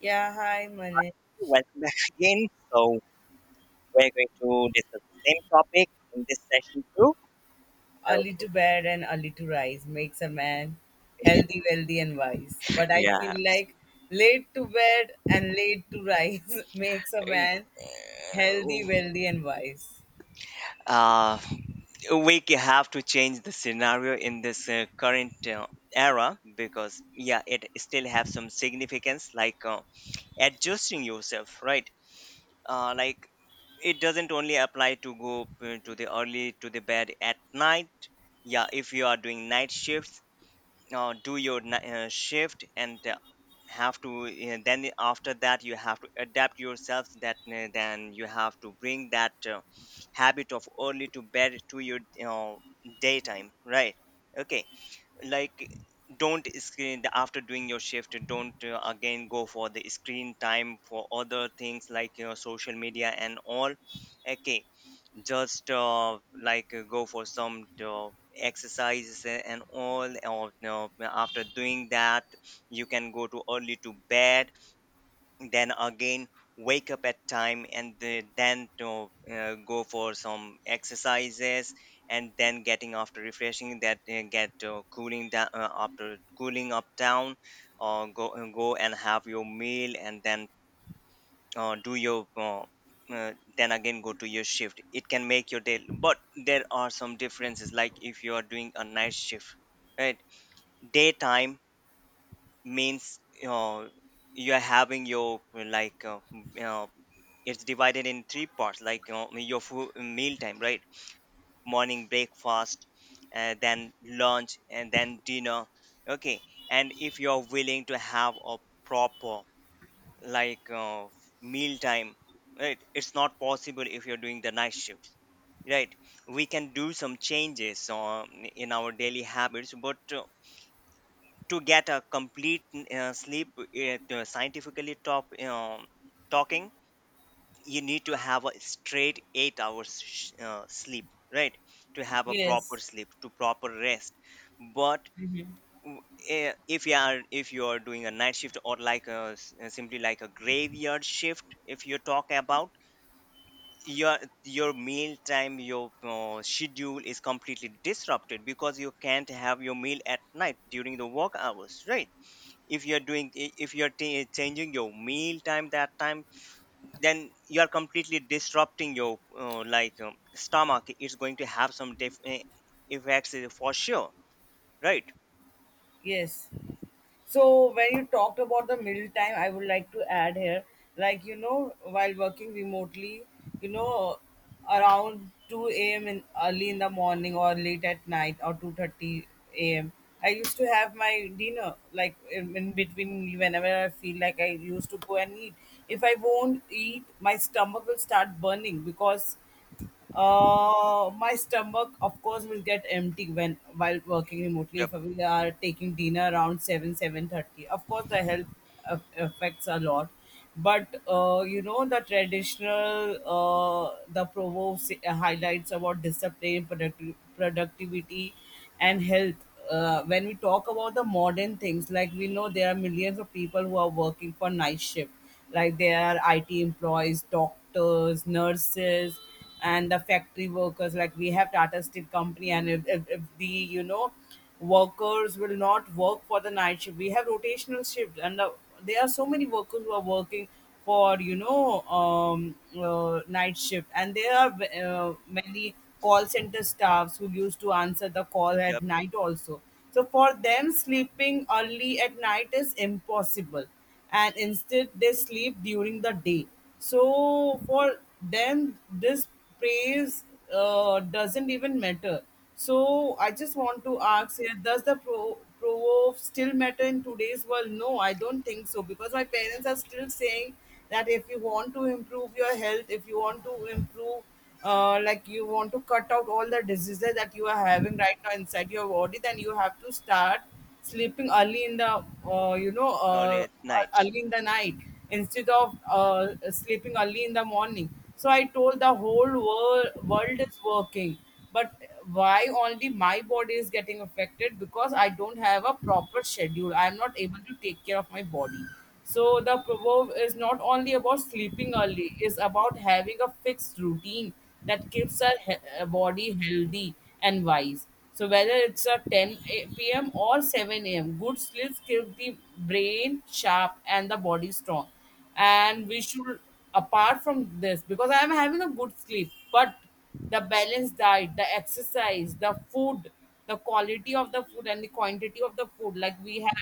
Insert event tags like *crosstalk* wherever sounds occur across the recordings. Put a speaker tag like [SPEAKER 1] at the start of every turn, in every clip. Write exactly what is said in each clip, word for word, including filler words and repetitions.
[SPEAKER 1] Yeah, hi, Mane.
[SPEAKER 2] Welcome back *laughs* again. So we're going to discuss the same topic in this session too. So
[SPEAKER 1] Early to bed and early to rise makes a man healthy, wealthy, and wise. But I
[SPEAKER 2] yeah,
[SPEAKER 1] feel like late to bed and late to rise *laughs* makes a man healthy, wealthy, and wise.
[SPEAKER 2] uh, uh, we ca- have to change the scenario in this uh, current uh, era because yeah, it still have some significance, like uh, adjusting yourself, right? Uh, like it doesn't only apply to go uh, to the early to the bed at night. Yeah, if you are doing night shifts, uh, do your ni- uh, shift and uh, have to uh, then after that you have to adapt yourself that uh, then you have to bring that uh, habit of early to bed to your you know, daytime, right? Okay, like don't screen after doing your shift. Don't uh, again go for the screen time for other things like, you know, social media and all. Okay, just uh, like uh, go for some uh, exercises a- and all, or no, after doing that you can go to early to bed. Then again, wake up at time and the- then to uh, go for some exercises. And then, getting after refreshing that, uh, get uh, cooling down, uh, after cooling up down, or go uh, go and have your meal. And then uh, do your uh, uh, then again go to your shift. It can make your day. But there are some differences, like if you are doing a night shift, right? Daytime means uh, you are having your uh, like uh, m- uh, it's divided in three parts, like uh, your food meal time, right? Morning breakfast, uh, then lunch and then dinner. Okay. And if you're willing to have a proper, like uh, meal time, right, it's not possible if you're doing the night shift, right? We can do some changes um, in our daily habits, but uh, to get a complete uh, sleep, it, uh, scientifically top, um, talking, you need to have a straight eight hours sh- uh, sleep, right, to have a proper
[SPEAKER 1] Yes,
[SPEAKER 2] sleep, to proper rest. But w- eh, if you are if you are doing a night shift, or like a s- uh, simply like a graveyard shift, if you talk about your your meal time, your uh, schedule is completely disrupted because you can't have your meal at night during the work hours, right? If you're doing i- if you're ta- changing your meal time, that time, then you are completely disrupting your uh, like um, stomach. It's going to have some def- eh, effects, eh, for sure, right?
[SPEAKER 1] yes. So when you talked about the middle time, I would like to add here, like you know, while working remotely, you know, around two a m in early in the morning or late at night or two thirty a m. I used to have my dinner like in, in between whenever I feel like I used to go and eat. If I won't eat, my stomach will start burning because uh, my stomach, of course, will get empty when while working remotely.
[SPEAKER 2] Yep.
[SPEAKER 1] If we are taking dinner around seven seven thirty, of course, the health aff- affects a lot. But uh, you know the traditional uh, the proverb say- highlights about discipline, producti- productivity, and health. Uh, when we talk about the modern things, like we know there are millions of people who are working for night shift, like there are I T employees, doctors, nurses, and the factory workers like we have Tata Steel company. And if, if, if the you know workers will not work for the night shift, we have rotational shift, and the, there are so many workers who are working for you know um, uh, night shift. And there are uh, many call center staffs who used to answer the call at
[SPEAKER 2] Yep.
[SPEAKER 1] night also. So for them, sleeping early at night is impossible, and instead they sleep during the day. So for them, this praise uh, doesn't even matter. So I just want to ask here: does the pro- proverb still matter in today's world? No, I don't think so, because my parents are still saying that if you want to improve your health, if you want to improve, uh, like you want to cut out all the diseases that you are having right now inside your body, then you have to start sleeping early in the uh, you know
[SPEAKER 2] Early
[SPEAKER 1] uh,
[SPEAKER 2] at
[SPEAKER 1] e-,
[SPEAKER 2] night.
[SPEAKER 1] early in the night, instead of uh, sleeping early in the morning. So I told the whole world world is working. But why only my body is getting affected? Because I don't have a proper schedule, I am not able to take care of my body. So the proverb is not only about sleeping early, it's about having a fixed routine that keeps our he- uh, body healthy and wise. So whether it's a ten a- p m or seven a m, good sleep keep the brain sharp and the body strong. And we should, apart from this, because I am having a good sleep, but the balanced diet, the exercise, the food, the quality of the food, and the quantity of the food, like we have,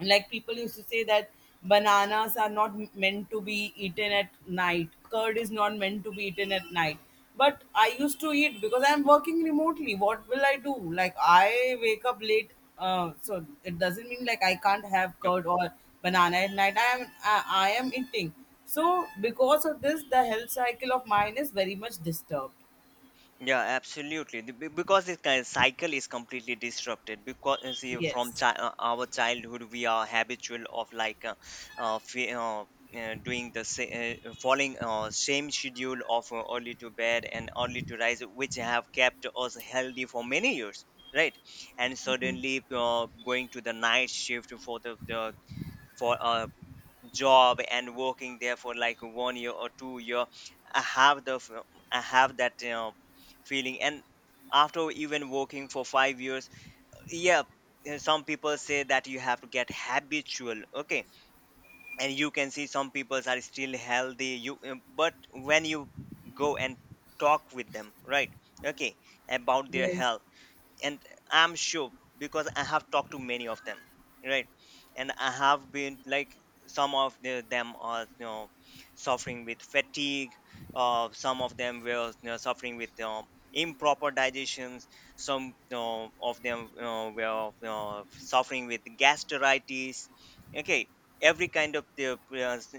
[SPEAKER 1] like, people used to say that bananas are not m- meant to be eaten at night, curd is not meant to be eaten at night. But I used to eat because I'm working remotely. What will I do? Like, I wake up late. Uh, so it doesn't mean like I can't have
[SPEAKER 2] Yep.
[SPEAKER 1] curd or banana at night. i am i, I am eating. So because of this, the health cycle of mine is very much disturbed.
[SPEAKER 2] Yeah, absolutely. The- be- Because this kind of cycle is completely disrupted. Because uh, see, from
[SPEAKER 1] Yes.
[SPEAKER 2] chi- uh, our childhood, we are habitual of like uh, uh, fe- uh, uh, doing the sa- uh, following uh, same schedule of uh, early to bed and early to rise, which have kept us healthy for many years, right? And suddenly, uh, going to the night shift for the, the for uh, job and working there for like one year or two year. I have the f- I have that, you know, feeling. And after even working for five years, yeah, uh, some people say that you have to get habitual. Okay. And you can see some people are still healthy, you uh, but when you go and talk with them, right? Okay. About their
[SPEAKER 1] Yes.
[SPEAKER 2] health. And I'm sure, because I have talked to many of them, right, and I have been like, some of the- them are, you know, suffering with fatigue. Uh, some of them were, you know, suffering with, you know, improper digestions. Some, you know, of them, you know, were, you know, suffering with gastritis. Okay. Every kind of the uh, s-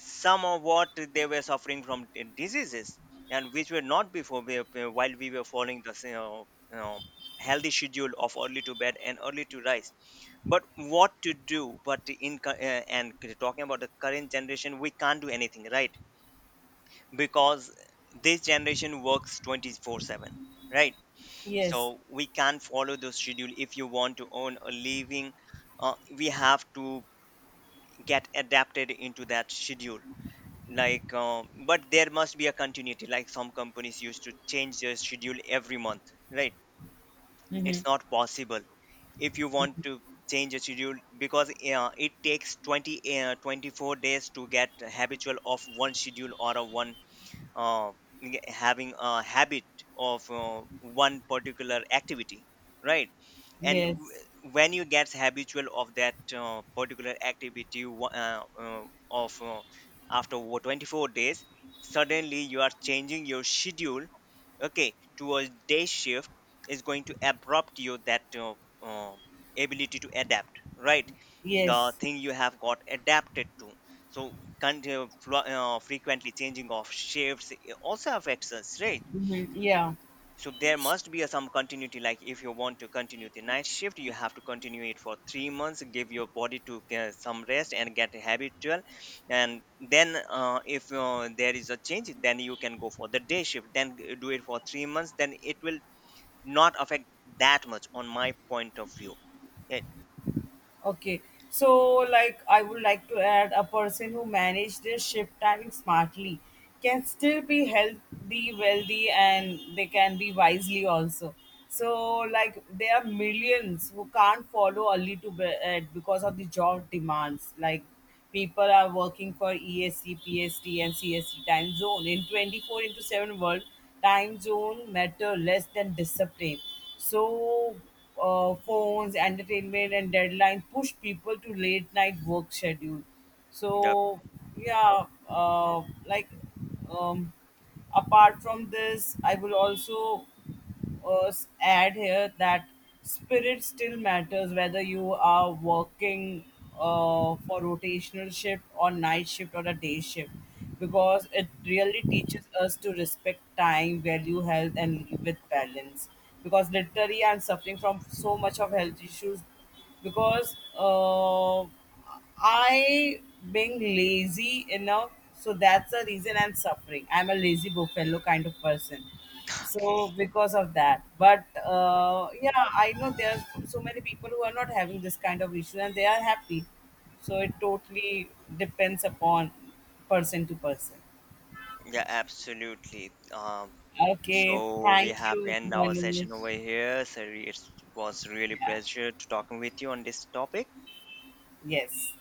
[SPEAKER 2] some of what they were suffering from, uh, diseases, and which were not before we, uh, while we were following the, you know, healthy schedule of early to bed and early to rise. But what to do? But in cu- uh, and talking about the current generation, we can't do anything, right? Because this generation works twenty-four seven, right?
[SPEAKER 1] Yes.
[SPEAKER 2] So we can't follow the schedule. If you want to earn a living, uh, we have to get adapted into that schedule, like uh, but there must be a continuity, like some companies used to change their schedule every month, right?
[SPEAKER 1] Mm-hmm.
[SPEAKER 2] It's not possible. If you want to change a schedule, because uh, it takes twenty uh, twenty-four days to get habitual of one schedule, or a one uh, having a habit of uh, one particular activity, right? And
[SPEAKER 1] Yes.
[SPEAKER 2] w- when you get habitual of that uh, particular activity, wa- uh, uh, of uh, after wo- twenty-four days, suddenly you are changing your schedule, okay, to a day shift, is going to abrupt you that uh, uh, ability to adapt, right? The
[SPEAKER 1] Yes.
[SPEAKER 2] thing you have got adapted to. So con- uh, flu- uh, frequently changing of shifts, it also affects us, right?
[SPEAKER 1] Mm-hmm. Yeah.
[SPEAKER 2] So there must be a, some continuity, like if you want to continue the night shift, you have to continue it for three months, give your body to uh, some rest and get habitual. And then uh, if uh, there is a change, then you can go for the day shift, then g- do it for three months, then it will not affect that much, on my point of view. Yeah.
[SPEAKER 1] Okay. So, like, I would like to add a person who manage their shift timing smartly can still be healthy, wealthy, and they can be wisely also. So, like, there are millions who can't follow early to bed because of the job demands. Like, people are working for E S T, P S T, and C S T time zone. In twenty-four into seven world, time zone matter less than discipline. So, uh, phones, entertainment, and deadline push people to late night work schedule.
[SPEAKER 2] Yep.
[SPEAKER 1] So, yeah, uh, like um, apart from this, I will also uh, s- add here that spirit still matters, whether you are working uh, for rotational shift or night shift or a day shift, because it really teaches us to respect time, value health, and live with balance. Because literally, I'm suffering from so much of health issues, because uh, I being lazy enough, so that's the reason I'm suffering. I'm a lazy buffalo kind of person,
[SPEAKER 2] Okay.
[SPEAKER 1] so because of that. But uh, yeah, I know there's so many people who are not having this kind of issue and they are happy. So it totally depends upon person to person.
[SPEAKER 2] Yeah, absolutely. um
[SPEAKER 1] Okay,
[SPEAKER 2] so we
[SPEAKER 1] thank
[SPEAKER 2] have to
[SPEAKER 1] you,
[SPEAKER 2] end our session
[SPEAKER 1] Manish.
[SPEAKER 2] over here, so it was really
[SPEAKER 1] Yeah.
[SPEAKER 2] pleasure to talking with you on this topic.
[SPEAKER 1] Yes.